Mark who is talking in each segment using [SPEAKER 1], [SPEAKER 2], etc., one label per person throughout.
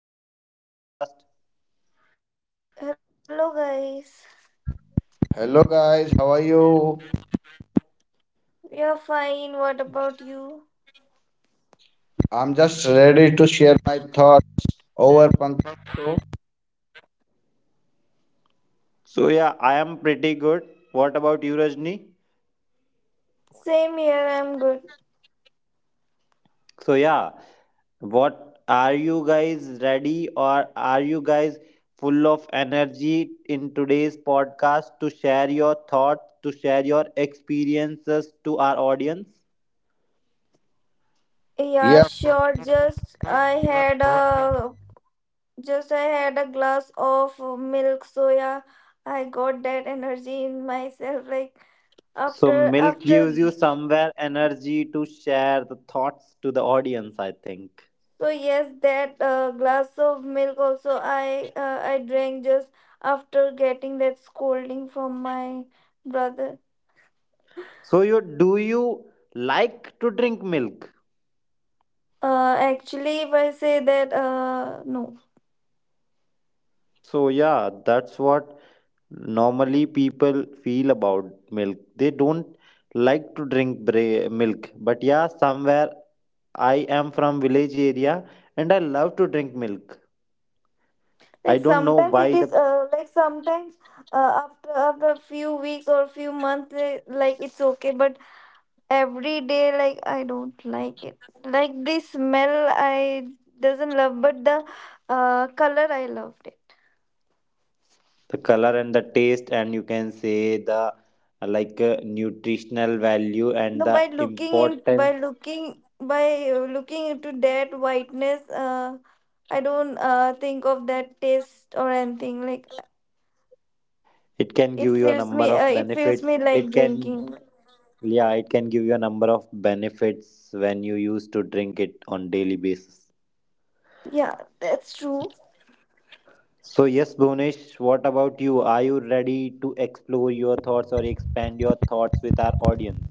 [SPEAKER 1] Rajni, welcome to this podcast.
[SPEAKER 2] Hello, guys.
[SPEAKER 3] Hello guys, how are you?
[SPEAKER 2] Are fine. What about you?
[SPEAKER 3] I'm just ready to share my thoughts over Pankaj show.
[SPEAKER 1] So yeah, I am pretty good. What about you, Rajni?
[SPEAKER 2] Same here. I'm good.
[SPEAKER 1] So yeah, what are you guys ready or are you guys full of energy in today's podcast to share your thoughts, to share your experiences to our audience?
[SPEAKER 2] Yeah,
[SPEAKER 3] Yeah,
[SPEAKER 2] sure. Just I had a glass of milk, so yeah, I got that energy in myself. Like
[SPEAKER 1] So
[SPEAKER 2] after
[SPEAKER 1] milk
[SPEAKER 2] after
[SPEAKER 1] gives you somewhere energy to share the thoughts to the audience, I think.
[SPEAKER 2] so yes, that glass of milk also I drank just after getting that scolding from my brother.
[SPEAKER 1] So you do you like to drink milk?
[SPEAKER 2] Actually, if I say that, no.
[SPEAKER 1] So yeah, that's what normally people feel about milk. They don't like to drink milk, but yeah, somewhere I am from village area and I love to drink milk. I
[SPEAKER 2] Like
[SPEAKER 1] don't know
[SPEAKER 2] sometimes it
[SPEAKER 1] why
[SPEAKER 2] is
[SPEAKER 1] the
[SPEAKER 2] like sometimes after a few weeks or a few months, they, like, it's okay, but every day, like, I don't like it, like the smell I doesn't love, but the color I loved it.
[SPEAKER 1] the color and the taste and you can say the like nutritional value
[SPEAKER 2] no
[SPEAKER 1] and the
[SPEAKER 2] by looking in by
[SPEAKER 1] importance
[SPEAKER 2] looking by looking into that whiteness, I don't think of that taste or anything. Like
[SPEAKER 1] it can give you a number of
[SPEAKER 2] it fills
[SPEAKER 1] benefits
[SPEAKER 2] me
[SPEAKER 1] it
[SPEAKER 2] like
[SPEAKER 1] can
[SPEAKER 2] drinking.
[SPEAKER 1] yeah it can give you a number of benefits when you used to drink it on daily basis.
[SPEAKER 2] Yeah, that's true.
[SPEAKER 1] So, yes, Bhunesh, what about you? Are you ready to explore your thoughts or expand your thoughts with our audience?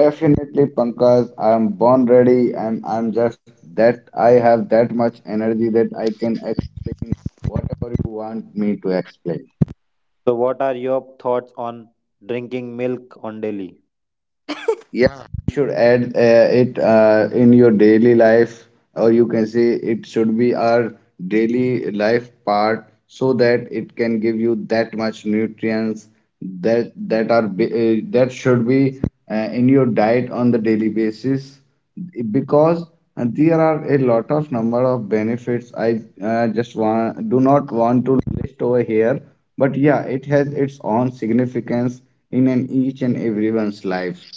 [SPEAKER 3] definitely Pankaj. I'm born ready and I'm just that I have that much energy that I can explain whatever you want me to explain.
[SPEAKER 1] So, what are your thoughts on drinking milk on daily?
[SPEAKER 3] Yeah, you should add it in your daily life, or you can say it should be our daily life part so that it can give you that much nutrients that are that should be in your diet on the daily basis because there are a lot of number of benefits. I just want do not want to list over here, but yeah, it has its own significance in an each and everyone's life.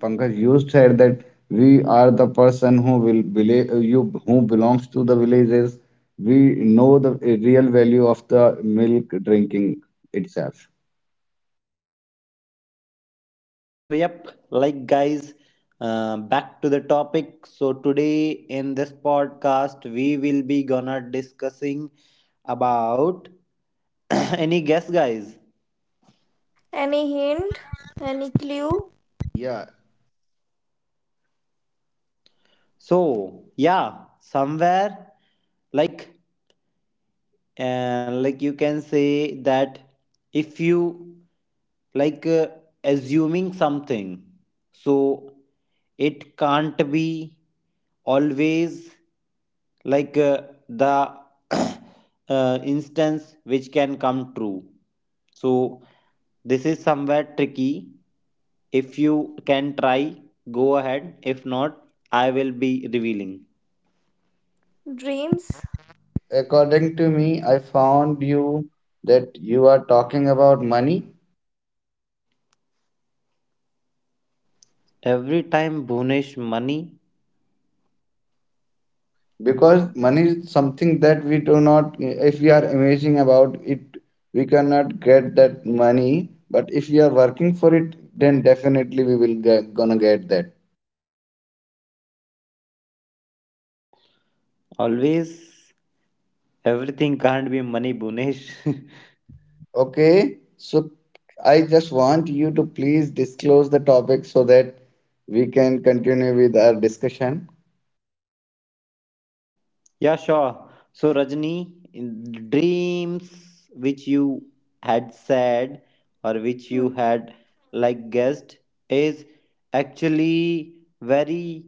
[SPEAKER 3] Pankaj, you said that we are the person who will believe you who belongs to the villages. We know the real value of the milk drinking itself.
[SPEAKER 1] So, yep, like guys, back to the topic. So, today in this podcast, we will be gonna discussing about any guess, guys.
[SPEAKER 2] Any hint? Any clue?
[SPEAKER 3] Yeah,
[SPEAKER 1] So, yeah, somewhere like and like you can say that if you like assuming something so it can't be always like the instance which can come true so this is somewhat tricky if you can try go ahead if not I will be revealing
[SPEAKER 2] Dreams?
[SPEAKER 3] according to me, I found you that you are talking about money
[SPEAKER 1] every time Bhunesh money
[SPEAKER 3] because money is something that we do not, if we are amazing about it, we cannot get that money. But if we are working for it, then definitely we will gonna get that.
[SPEAKER 1] always. Everything can't be money, Bhunesh.
[SPEAKER 3] Okay, so I just want you to please disclose the topic so that we can continue with our discussion.
[SPEAKER 1] Yeah, sure. So, Rajni, in dreams which you had said or which you had
[SPEAKER 2] Hmm.
[SPEAKER 1] like guessed is actually very,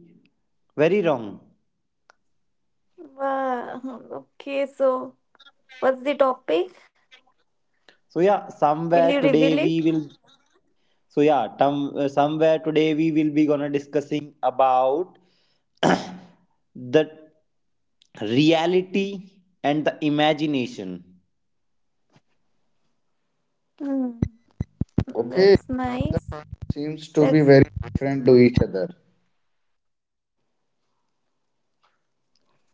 [SPEAKER 1] very wrong.
[SPEAKER 2] Wow. Okay, so what's the topic?
[SPEAKER 1] So, yeah, somewhere today
[SPEAKER 2] Will you
[SPEAKER 1] we will.
[SPEAKER 2] reveal it?
[SPEAKER 1] So, yeah, somewhere today we will be gonna discussing about the reality and the imagination.
[SPEAKER 2] Hmm.
[SPEAKER 3] Okay, the
[SPEAKER 2] That's
[SPEAKER 3] terms seems
[SPEAKER 2] nice.
[SPEAKER 3] to be very
[SPEAKER 2] That's
[SPEAKER 3] different to each other.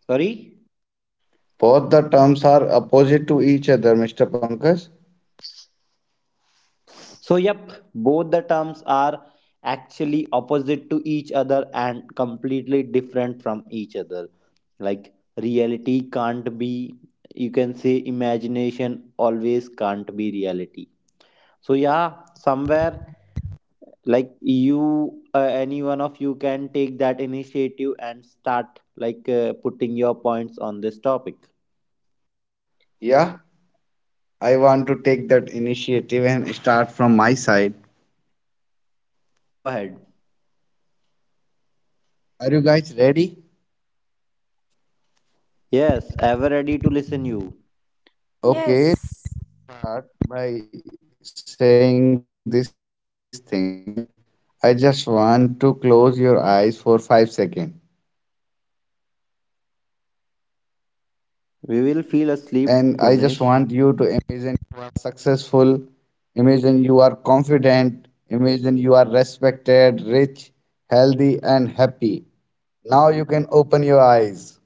[SPEAKER 1] Sorry?
[SPEAKER 3] Both the terms are opposite to each other, Mr. Pankaj.
[SPEAKER 1] So, yep, both the terms are actually opposite to each other and completely different from each other. Like, reality can't be, you can say, imagination always can't be reality. So, yeah, somewhere like you, any one of you can take that initiative and start like putting your points on this topic.
[SPEAKER 3] Yeah, I want to take that initiative and start from my side.
[SPEAKER 1] Yep, go ahead.
[SPEAKER 3] Are you guys ready?
[SPEAKER 1] Yes, ever ready to listen you.
[SPEAKER 3] Okay, start
[SPEAKER 2] yes.
[SPEAKER 3] by saying this thing that I just want to close your eyes for 5 seconds.
[SPEAKER 1] We will feel asleep,
[SPEAKER 3] And I just
[SPEAKER 1] Bhunesh.
[SPEAKER 3] want you to imagine you are successful, imagine you are confident, imagine you are respected, rich, healthy, and happy. Now you can open your eyes.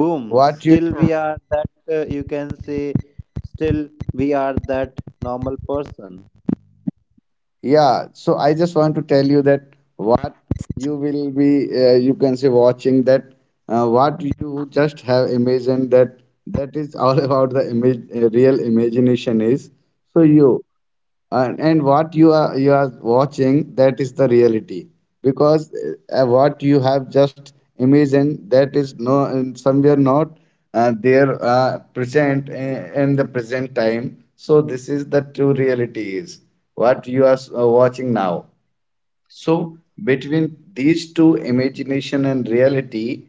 [SPEAKER 1] Boom,
[SPEAKER 3] What you,
[SPEAKER 1] still we are that you can say still we are that normal person.
[SPEAKER 3] yeah, so I just want to tell you that what you will be, you can say, watching that what you just have imagined that that is all about the image, real imagination is. So and what you are watching that is the reality because what you have just imagined that is no and somewhere not there present in the present time, so this is the true reality is what you are watching now. So between these two, imagination and reality,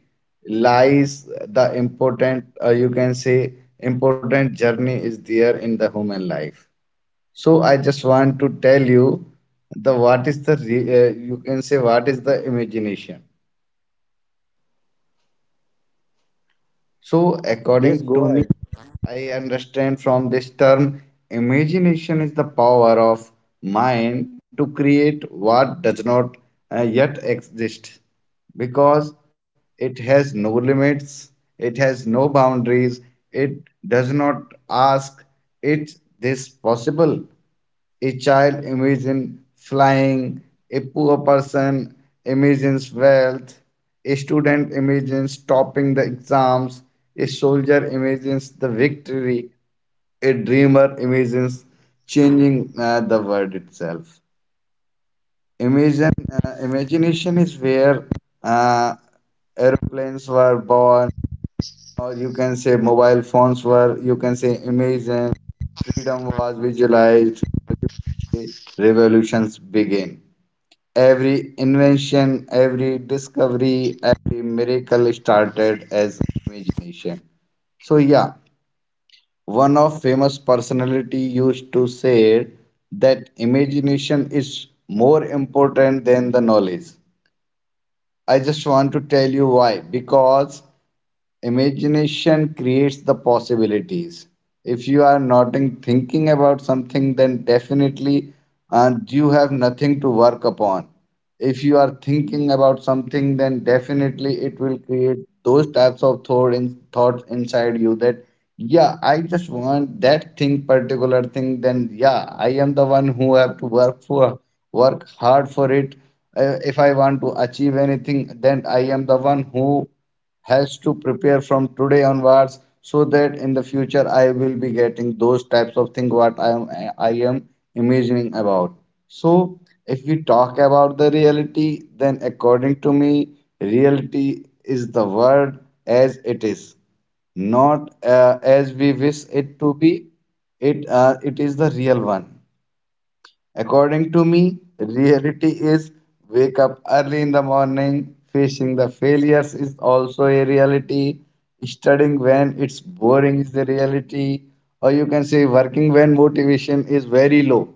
[SPEAKER 3] lies the important, you can say, important journey is there in the human life. So I just want to tell you the what is you can say what is the imagination. So
[SPEAKER 1] Yes,
[SPEAKER 3] according
[SPEAKER 1] go
[SPEAKER 3] to me,
[SPEAKER 1] ahead.
[SPEAKER 3] I understand from this term, imagination is the power of mind to create what does not yet exist because it has no limits, it has no boundaries, it does not ask, is this possible? A child imagines flying, a poor person imagines wealth, a student imagines topping the exams, a soldier imagines the victory, a dreamer imagines changing the world itself. Imagine, Imagination is where uh, airplanes were born, or you can say mobile phones were, you can say, imagined, freedom was visualized, revolutions began. Every invention, every discovery, every miracle started as imagination. So yeah, one of famous personality used to say that imagination is more important than the knowledge. I just want to tell you why. Because imagination creates the possibilities. If you are not in thinking about something, then definitely you have nothing to work upon. If you are thinking about something, then definitely it will create those types of thoughts inside you that, yeah, I just want that thing, particular thing. Then, yeah, I am the one who have to work hard for it. If I want to achieve anything, then I am the one who has to prepare from today onwards so that in the future I will be getting those types of thing what I am imagining about. So if we talk about the reality, then according to me, reality is the word as it is, not as we wish it to be. It is the real one. According to me, reality is wake up early in the morning, facing the failures is also a reality, studying when it's boring is a reality, or you can say working when motivation is very low.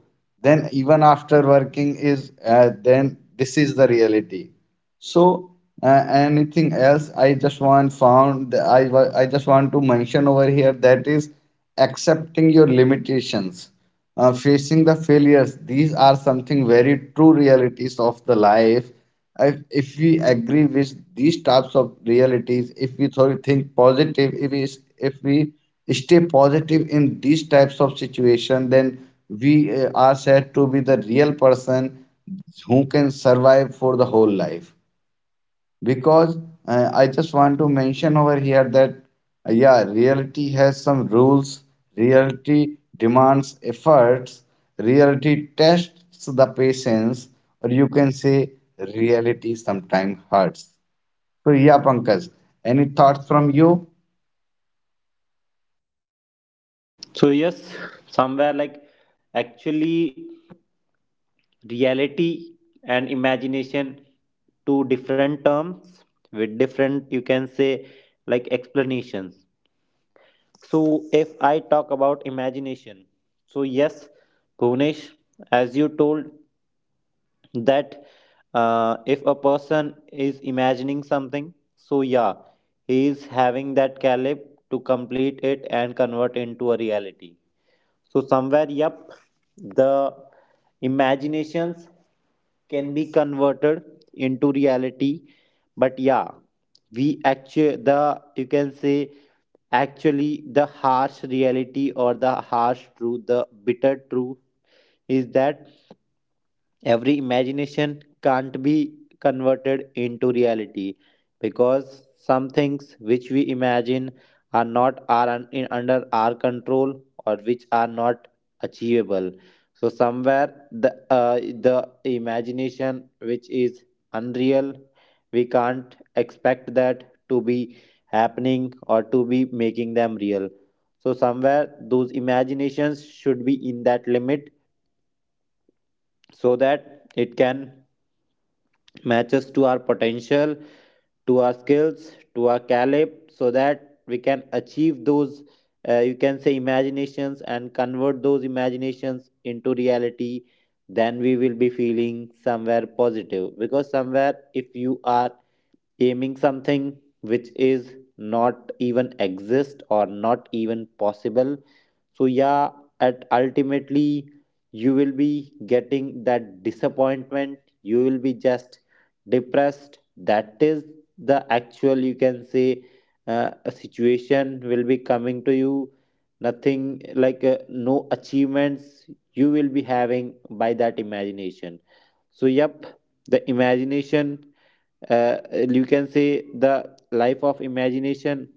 [SPEAKER 3] Then even after working is then this is the reality. So, anything else I just want I just want to mention over here that is accepting your limitations, facing the failures. These are something very true realities of the life. If we agree with these types of realities, if we think positive, if we stay positive in these types of situation, then we are said to be the real person who can survive for the whole life because I just want to mention over here that yeah, reality has some rules, reality demands efforts, reality tests the patience, or you can say reality sometimes hurts. So yeah, Pankaj, any thoughts from you?
[SPEAKER 1] So, yes, somewhere like actually reality and imagination, two different terms with different, you can say, like explanations. So, if I talk about imagination, so yes, Bhunesh, as you told. That if a person is imagining something, so yeah, he is having that calib to complete it and convert into a reality. So somewhere, yep, the imaginations can be converted into reality, but yeah, we actually the you can say actually the harsh reality or the harsh truth, the bitter truth is that every imagination can't be converted into reality because some things which we imagine are not are un- in, under our control or which are not achievable, so somewhere the imagination which is unreal we can't expect that to be happening or to be making them real, so somewhere those imaginations should be in that limit so that it can matches to our potential, to our skills, to our caliber, so that we can achieve those, you can say, imaginations and convert those imaginations into reality. Then we will be feeling somewhere positive because somewhere, if you are aiming something which is not even exist or not even possible, so yeah, at ultimately you will be getting that disappointment. You will be just depressed. That is the actual you can say a situation will be coming to you. Nothing like no achievements you will be having by that imagination. So yep, the imagination. You can say the life of imagination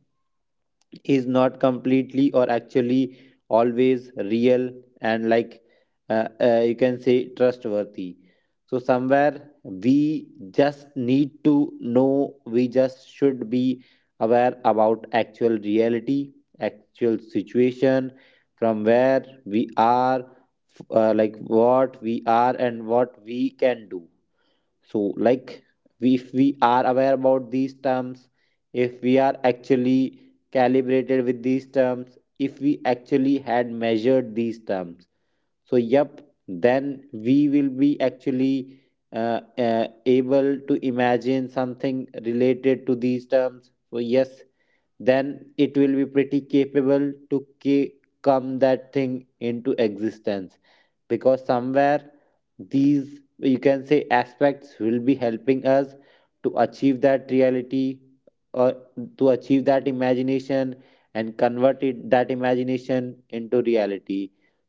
[SPEAKER 1] is not completely or actually always real and like you can say trustworthy, so somewhere we just need to know we just should be aware about actual reality actual situation from where like what we are and what we can do, so like we, if we are aware about these terms, if we are actually calibrated with these terms, if we actually had measured these terms, so yep, then we will be actually able to imagine something related to these terms, so yes, then it will be pretty capable to come that thing into existence, because somewhere these you can say aspects will be helping us to achieve that reality or to achieve that imagination and convert it that imagination into reality.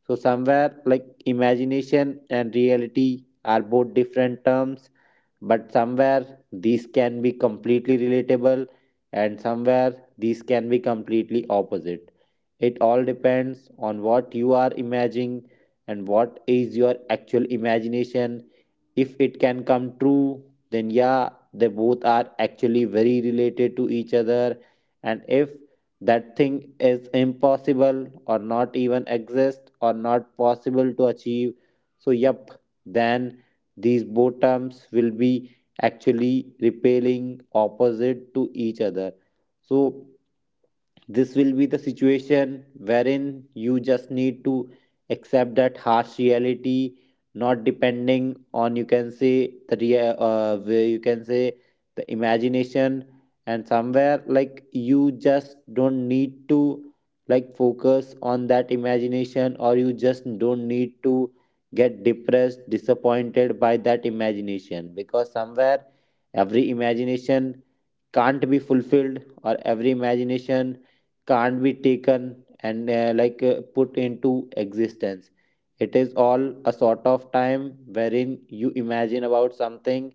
[SPEAKER 1] So somewhere like imagination and reality are both different terms, but somewhere these can be completely relatable and somewhere these can be completely opposite. It all depends on what you are imagining and what is your actual imagination. If it can come true, then yeah they both are actually very related to each other, and if that thing is impossible or not even exist or not possible to achieve, so yep, then these bottoms will be actually repelling opposite to each other. So this will be the situation wherein you just need to accept that harsh reality, not depending on you can say where you can say the imagination, and somewhere like you just don't need to like focus on that imagination, or you just don't need to get depressed, disappointed by that imagination, because somewhere every imagination can't be fulfilled or every imagination can't be taken and like put into existence. It is all a sort of time wherein you imagine about something,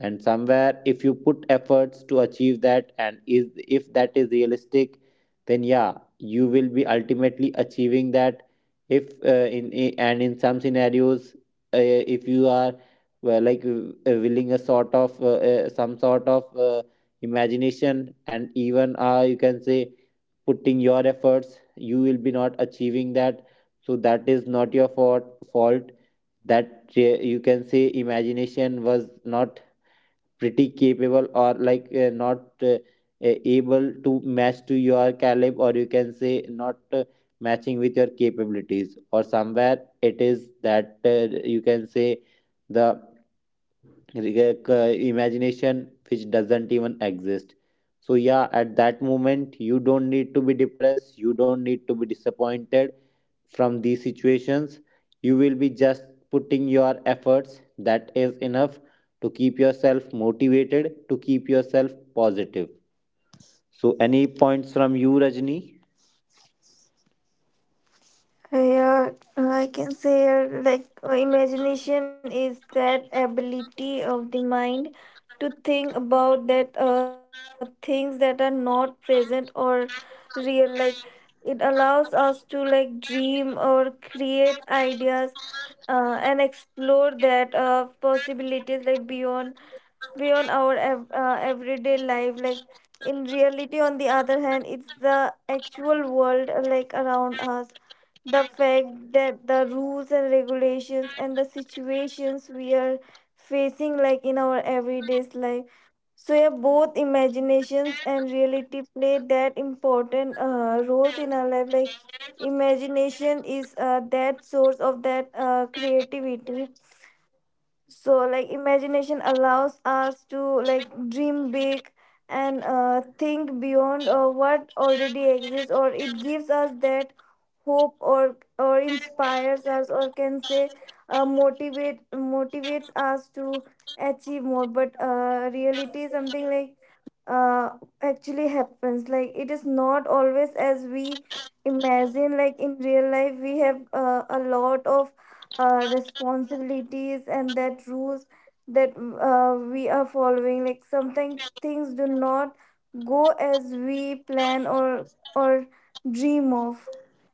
[SPEAKER 1] and somewhere if you put efforts to achieve that and is if that is realistic, then yeah you will be ultimately achieving that. If uh, in and in some scenarios, if you are well, like willing a sort of some sort of imagination and even you can say putting your efforts you will be not achieving that, so that is not your fault that you can say imagination was not pretty capable or like not able to match to your caliber or you can say not matching with your capabilities or somewhere it is that you can say the imagination which doesn't even exist. So yeah at that moment you don't need to be depressed, you don't need to be disappointed from these situations. You will be just putting your efforts, that is enough to keep yourself motivated, to keep yourself positive. So any points from you Rajni?
[SPEAKER 2] Yeah, I can say, imagination is that ability of the mind to think about that things that are not present or real. Like, it allows us to like dream or create ideas, and explore that possibilities, like beyond our everyday life. Like in reality, on the other hand, it's the actual world, like around us, the fact that the rules and regulations and the situations we are facing like in our everyday's life. So yeah, both imaginations and reality play that important roles in our life. Like imagination is, that source of that creativity. So like imagination allows us to like dream big and think beyond what already exists, or it gives us that hope, or inspires us, or can say, motivates us to achieve more. But reality is something like, uh, actually happens. Like it is not always as we imagine. Like in real life we have, a lot of responsibilities and that rules that we are following. Like something things do not go as we plan or or dream of.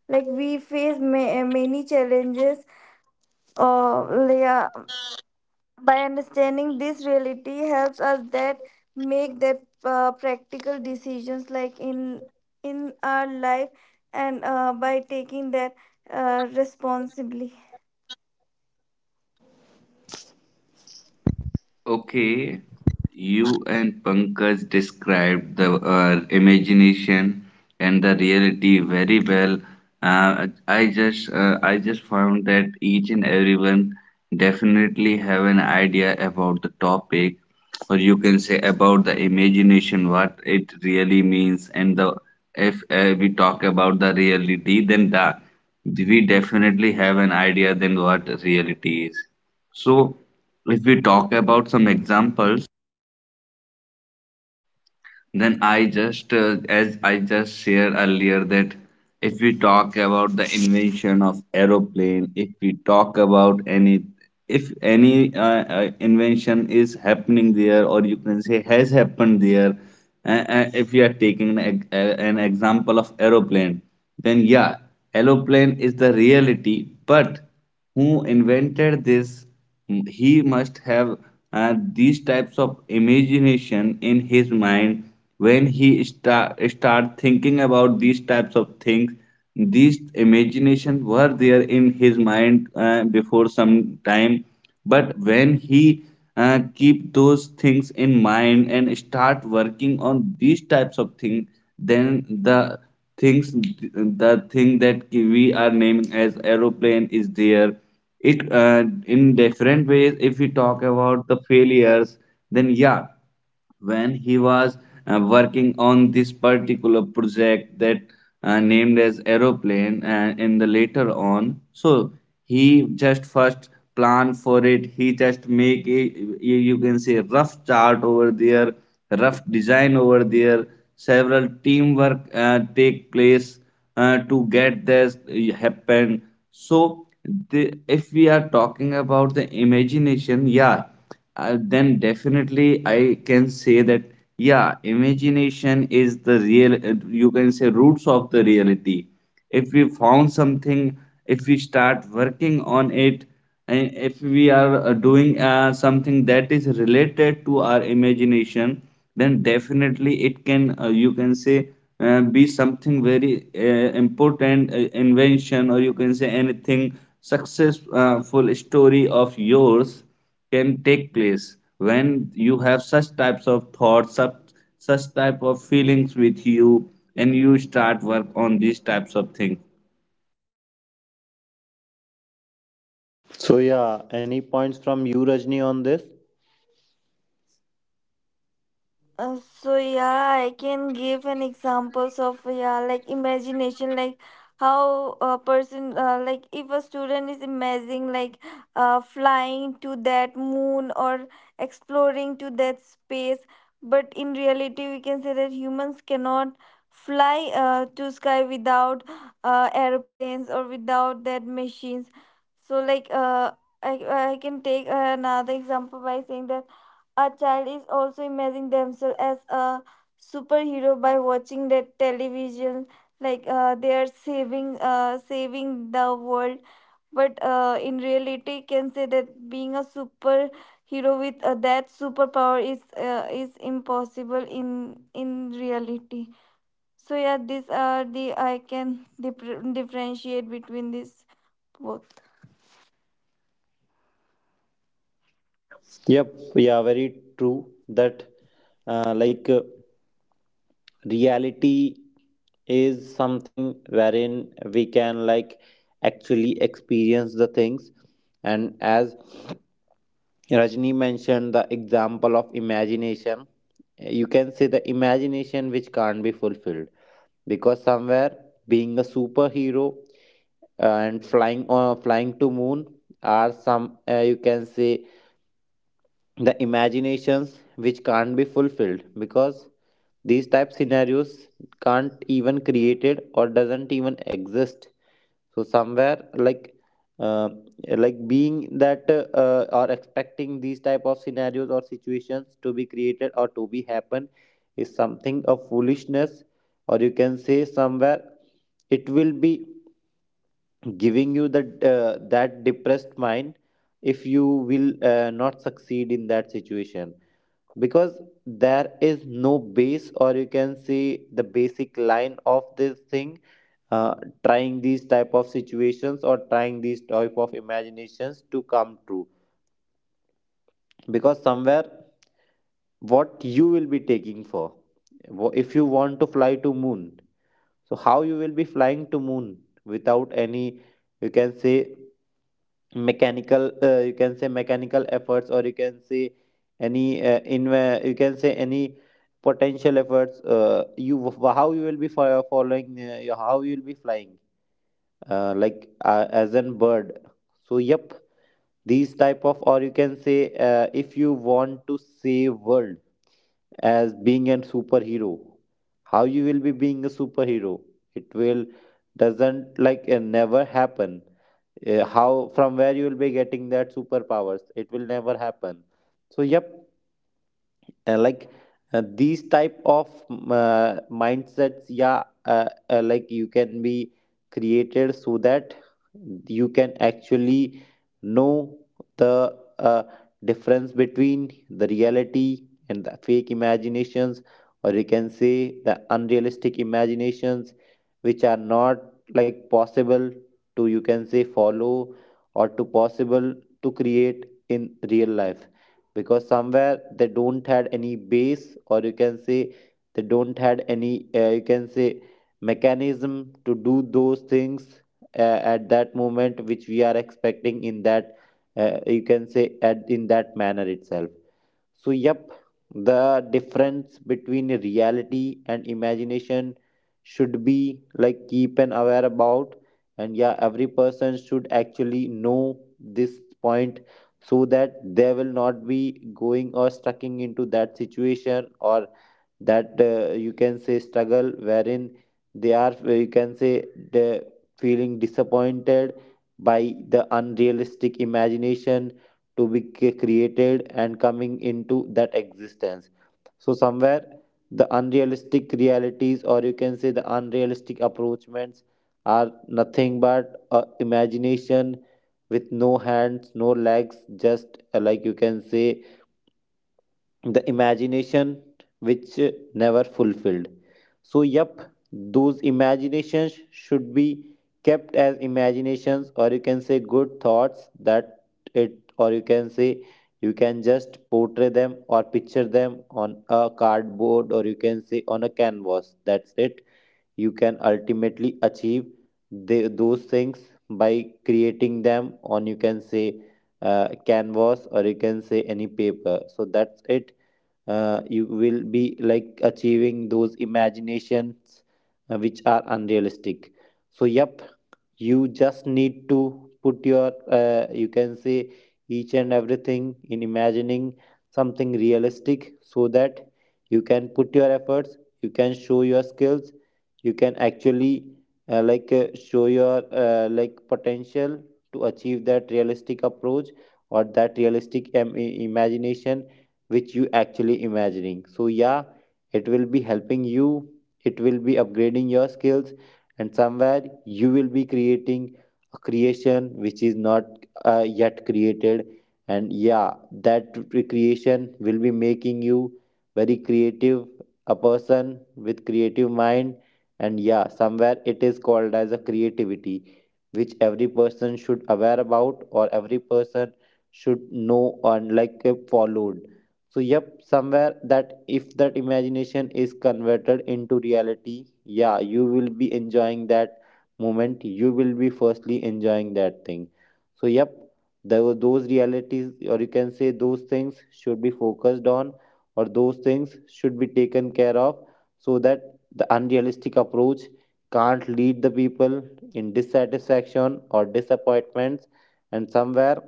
[SPEAKER 2] Like we face many challenges. Yeah, by understanding this reality helps us that make that practical decisions, like in our life, and by taking that responsibly.
[SPEAKER 3] Okay, you and Pankaj described the imagination and the reality very well. I just found that each and everyone definitely have an idea about the topic, or you can say about the imagination, what it really means, and the if we talk about the reality, then we definitely have an idea then what reality is. So, if we talk about some examples, then I just, as I just shared earlier, that if we talk about the invention of aeroplane, if we talk about any, if any invention is happening there, or you can say has happened there, if we are taking an example of aeroplane, then yeah, aeroplane is the reality, but who invented this, he must have uh, these types of imagination in his mind when he start thinking about these types of things. These imagination were there in his mind before some time, but when he keep those things in mind and start working on these types of things, then the things, the thing that we are naming as aeroplane is there. It in different ways, if we talk about the failures, then yeah, when he was working on this particular project that named as aeroplane and in the later on, so he just first plan for it, he just make a you can say rough chart over there, rough design over there, several teamwork take place to get this happen. So the, if we are talking about the imagination, then definitely I can say that yeah, imagination is the real, you can say roots of the reality. If we found something, if we start working on it, and if we are doing something that is related to our imagination, then definitely it can, you can say, be something very important invention, or you can say anything successful story of yours can take place when you have such types of such type of feelings with you and you start work on these types of things.
[SPEAKER 1] So yeah any points from you Rajni on this?
[SPEAKER 2] So yeah, I can give an examples of, yeah, like imagination. Like how a person, like if a student is imagining like flying to that moon or exploring to that space, but in reality we can say that humans cannot fly to sky without airplanes or without that machines. So like, I I can take another example by saying that a child is also imagining themselves as a superhero by watching the television, like they are saving saving the world. But in reality, can say that being a superhero with that superpower is impossible in reality. So yeah, these are the I can differentiate between these both.
[SPEAKER 1] Yep, yeah very true that like reality is something wherein we can like actually experience the things, and as Rajni mentioned the example of imagination, you can say the imagination which can't be fulfilled, because somewhere being a superhero and flying to moon are some you can say the imaginations which can't be fulfilled, because these type scenarios can't even created or doesn't even exist. So somewhere uh, like being that or expecting these type of scenarios or situations to be created or to be happen is something of foolishness, or you can say somewhere it will be giving you the that depressed mind if you will not succeed in that situation, because there is no base or you can see the basic line of this thing, uh, trying these type of situations or trying these type of imaginations to come true, because somewhere what you will be taking for. If you want to fly to moon, so how you will be flying to moon without any you can say mechanical you can say mechanical efforts or you can say any in you can say any potential efforts you how you will be following how you will be flying like as an bird. So yep these type of or you can say if you want to save world as being a superhero, how you will be being a superhero? It will doesn't like never happen. Eh, how from where you will be getting that superpowers, it will never happen. So yep like these type of mindsets yeah like you can be created so that you can actually know the uh, difference between the reality and the fake imaginations or you can say the unrealistic imaginations which are not like possible to you can say follow or to possible to create in real life, because somewhere they don't had any base or you can say they don't had any you can say mechanism to do those things at that moment which we are expecting in that you can say at in that manner itself. So, yep, The difference between reality and imagination should be like keep an aware about. And yeah, every person should actually know this point so that they will not be going or stucking into that situation or that you can say struggle wherein they are you can say the feeling disappointed by the unrealistic imagination to be created and coming into that existence. So somewhere the unrealistic realities, or you can say the unrealistic approachments, are nothing but imagination with no hands, no legs, just like you can say the imagination which never fulfilled. So yep, those imaginations should be kept as imaginations, or you can say good thoughts, that it or you can say you can just portray them or picture them on a cardboard or you can say on a canvas. That's it, you can ultimately achieve those things by creating them on, you can say, canvas or you can say any paper. So that's it, you will be like achieving those imaginations which are unrealistic. So yep, you just need to put your you can say each and everything in imagining something realistic so that you can put your efforts, you can show your skills, you can actually show your like potential to achieve that realistic approach or that realistic imagination which you actually imagining. So yeah, it will be helping you, it will be upgrading your skills, and somewhere you will be creating a creation which is not yet created. And yeah, that creation will be making you very creative, a person with creative mind. And yeah, somewhere it is called as a creativity which every person should aware about, or every person should know and like followed. So yep, somewhere that if that imagination is converted into reality, yeah, you will be enjoying that moment, you will be firstly enjoying that thing. So yep, those realities, or you can say those things, should be focused on, or those things should be taken care of, so that the unrealistic approach can't lead the people in dissatisfaction or disappointments. And somewhere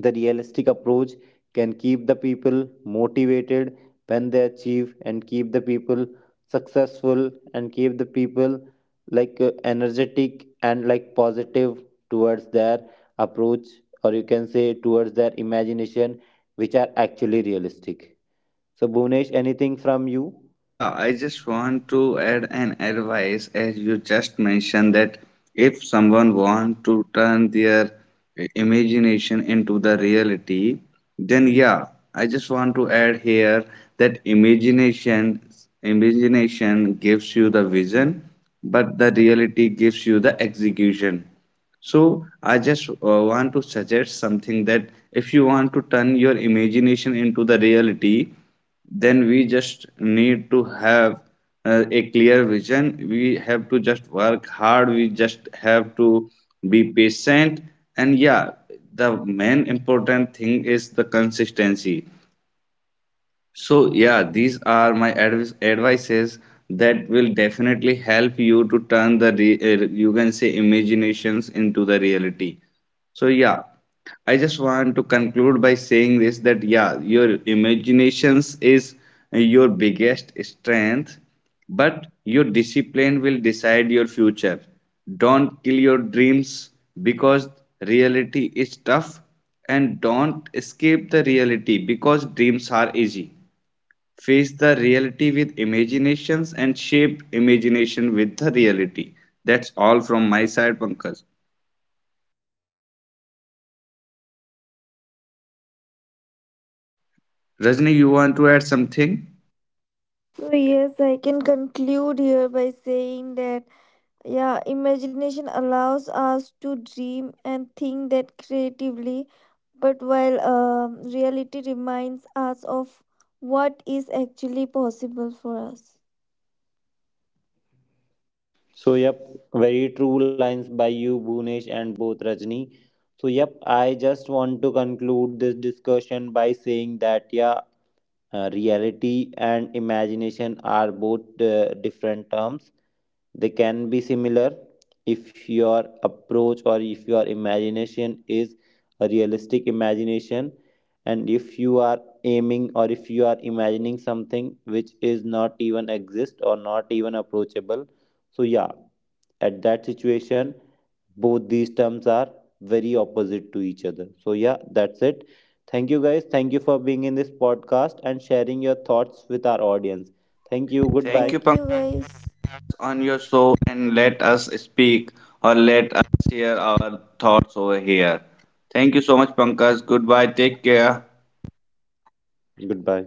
[SPEAKER 1] the realistic approach can keep the people motivated when they achieve, and keep the people successful, and keep the people like energetic and like positive towards their approach, or you can say towards their imagination, which are actually realistic. So Bhunesh, anything from you?
[SPEAKER 3] Yeah, I just want to add an advice as you just mentioned that if someone want to turn their imagination into the reality, then yeah, I just want to add here that imagination gives you the vision, but the reality gives you the execution. So I just want to suggest something that if you want to turn your imagination into the reality, then we just need to have a clear vision, we have to just work hard, we just have to be patient, and yeah, the main important thing is the consistency. So, yeah, these are my advices that will definitely help you to turn the re you can say imaginations into the reality. So, yeah, I just want to conclude by saying this that yeah, your imaginations is your biggest strength, but your discipline will decide your future. Don't kill your dreams because reality is tough, and don't escape the reality because dreams are easy. Face the reality with imaginations and shape imagination with the reality. That's all from my side, Pankaj. Rajni, you want to add something?
[SPEAKER 2] So yes, I can conclude here by saying that, yeah, imagination allows us to dream and think that creatively, but while reality reminds us of what is actually possible for us.
[SPEAKER 1] So yep, very true lines by you Bhunesh, and both Rajni. So yep, I just want to conclude this discussion by saying that, yeah, reality and imagination are both different terms. They can be similar if your approach or if your imagination is a realistic imagination, and if you are aiming or if you are imagining something which is not even exist or not even approachable. So yeah, at that situation both these terms are very opposite to each other. So yeah, that's it. Thank you guys. Thank you for being in this podcast and sharing your thoughts with our audience. Thank you.
[SPEAKER 3] Thank
[SPEAKER 1] Goodbye.
[SPEAKER 3] you,
[SPEAKER 2] Thank you,
[SPEAKER 3] Pankaj,
[SPEAKER 2] guys.
[SPEAKER 3] on your show, and let us speak or let us share our thoughts over here. Thank you so much, Pankaj. Goodbye. Take care.
[SPEAKER 1] Goodbye.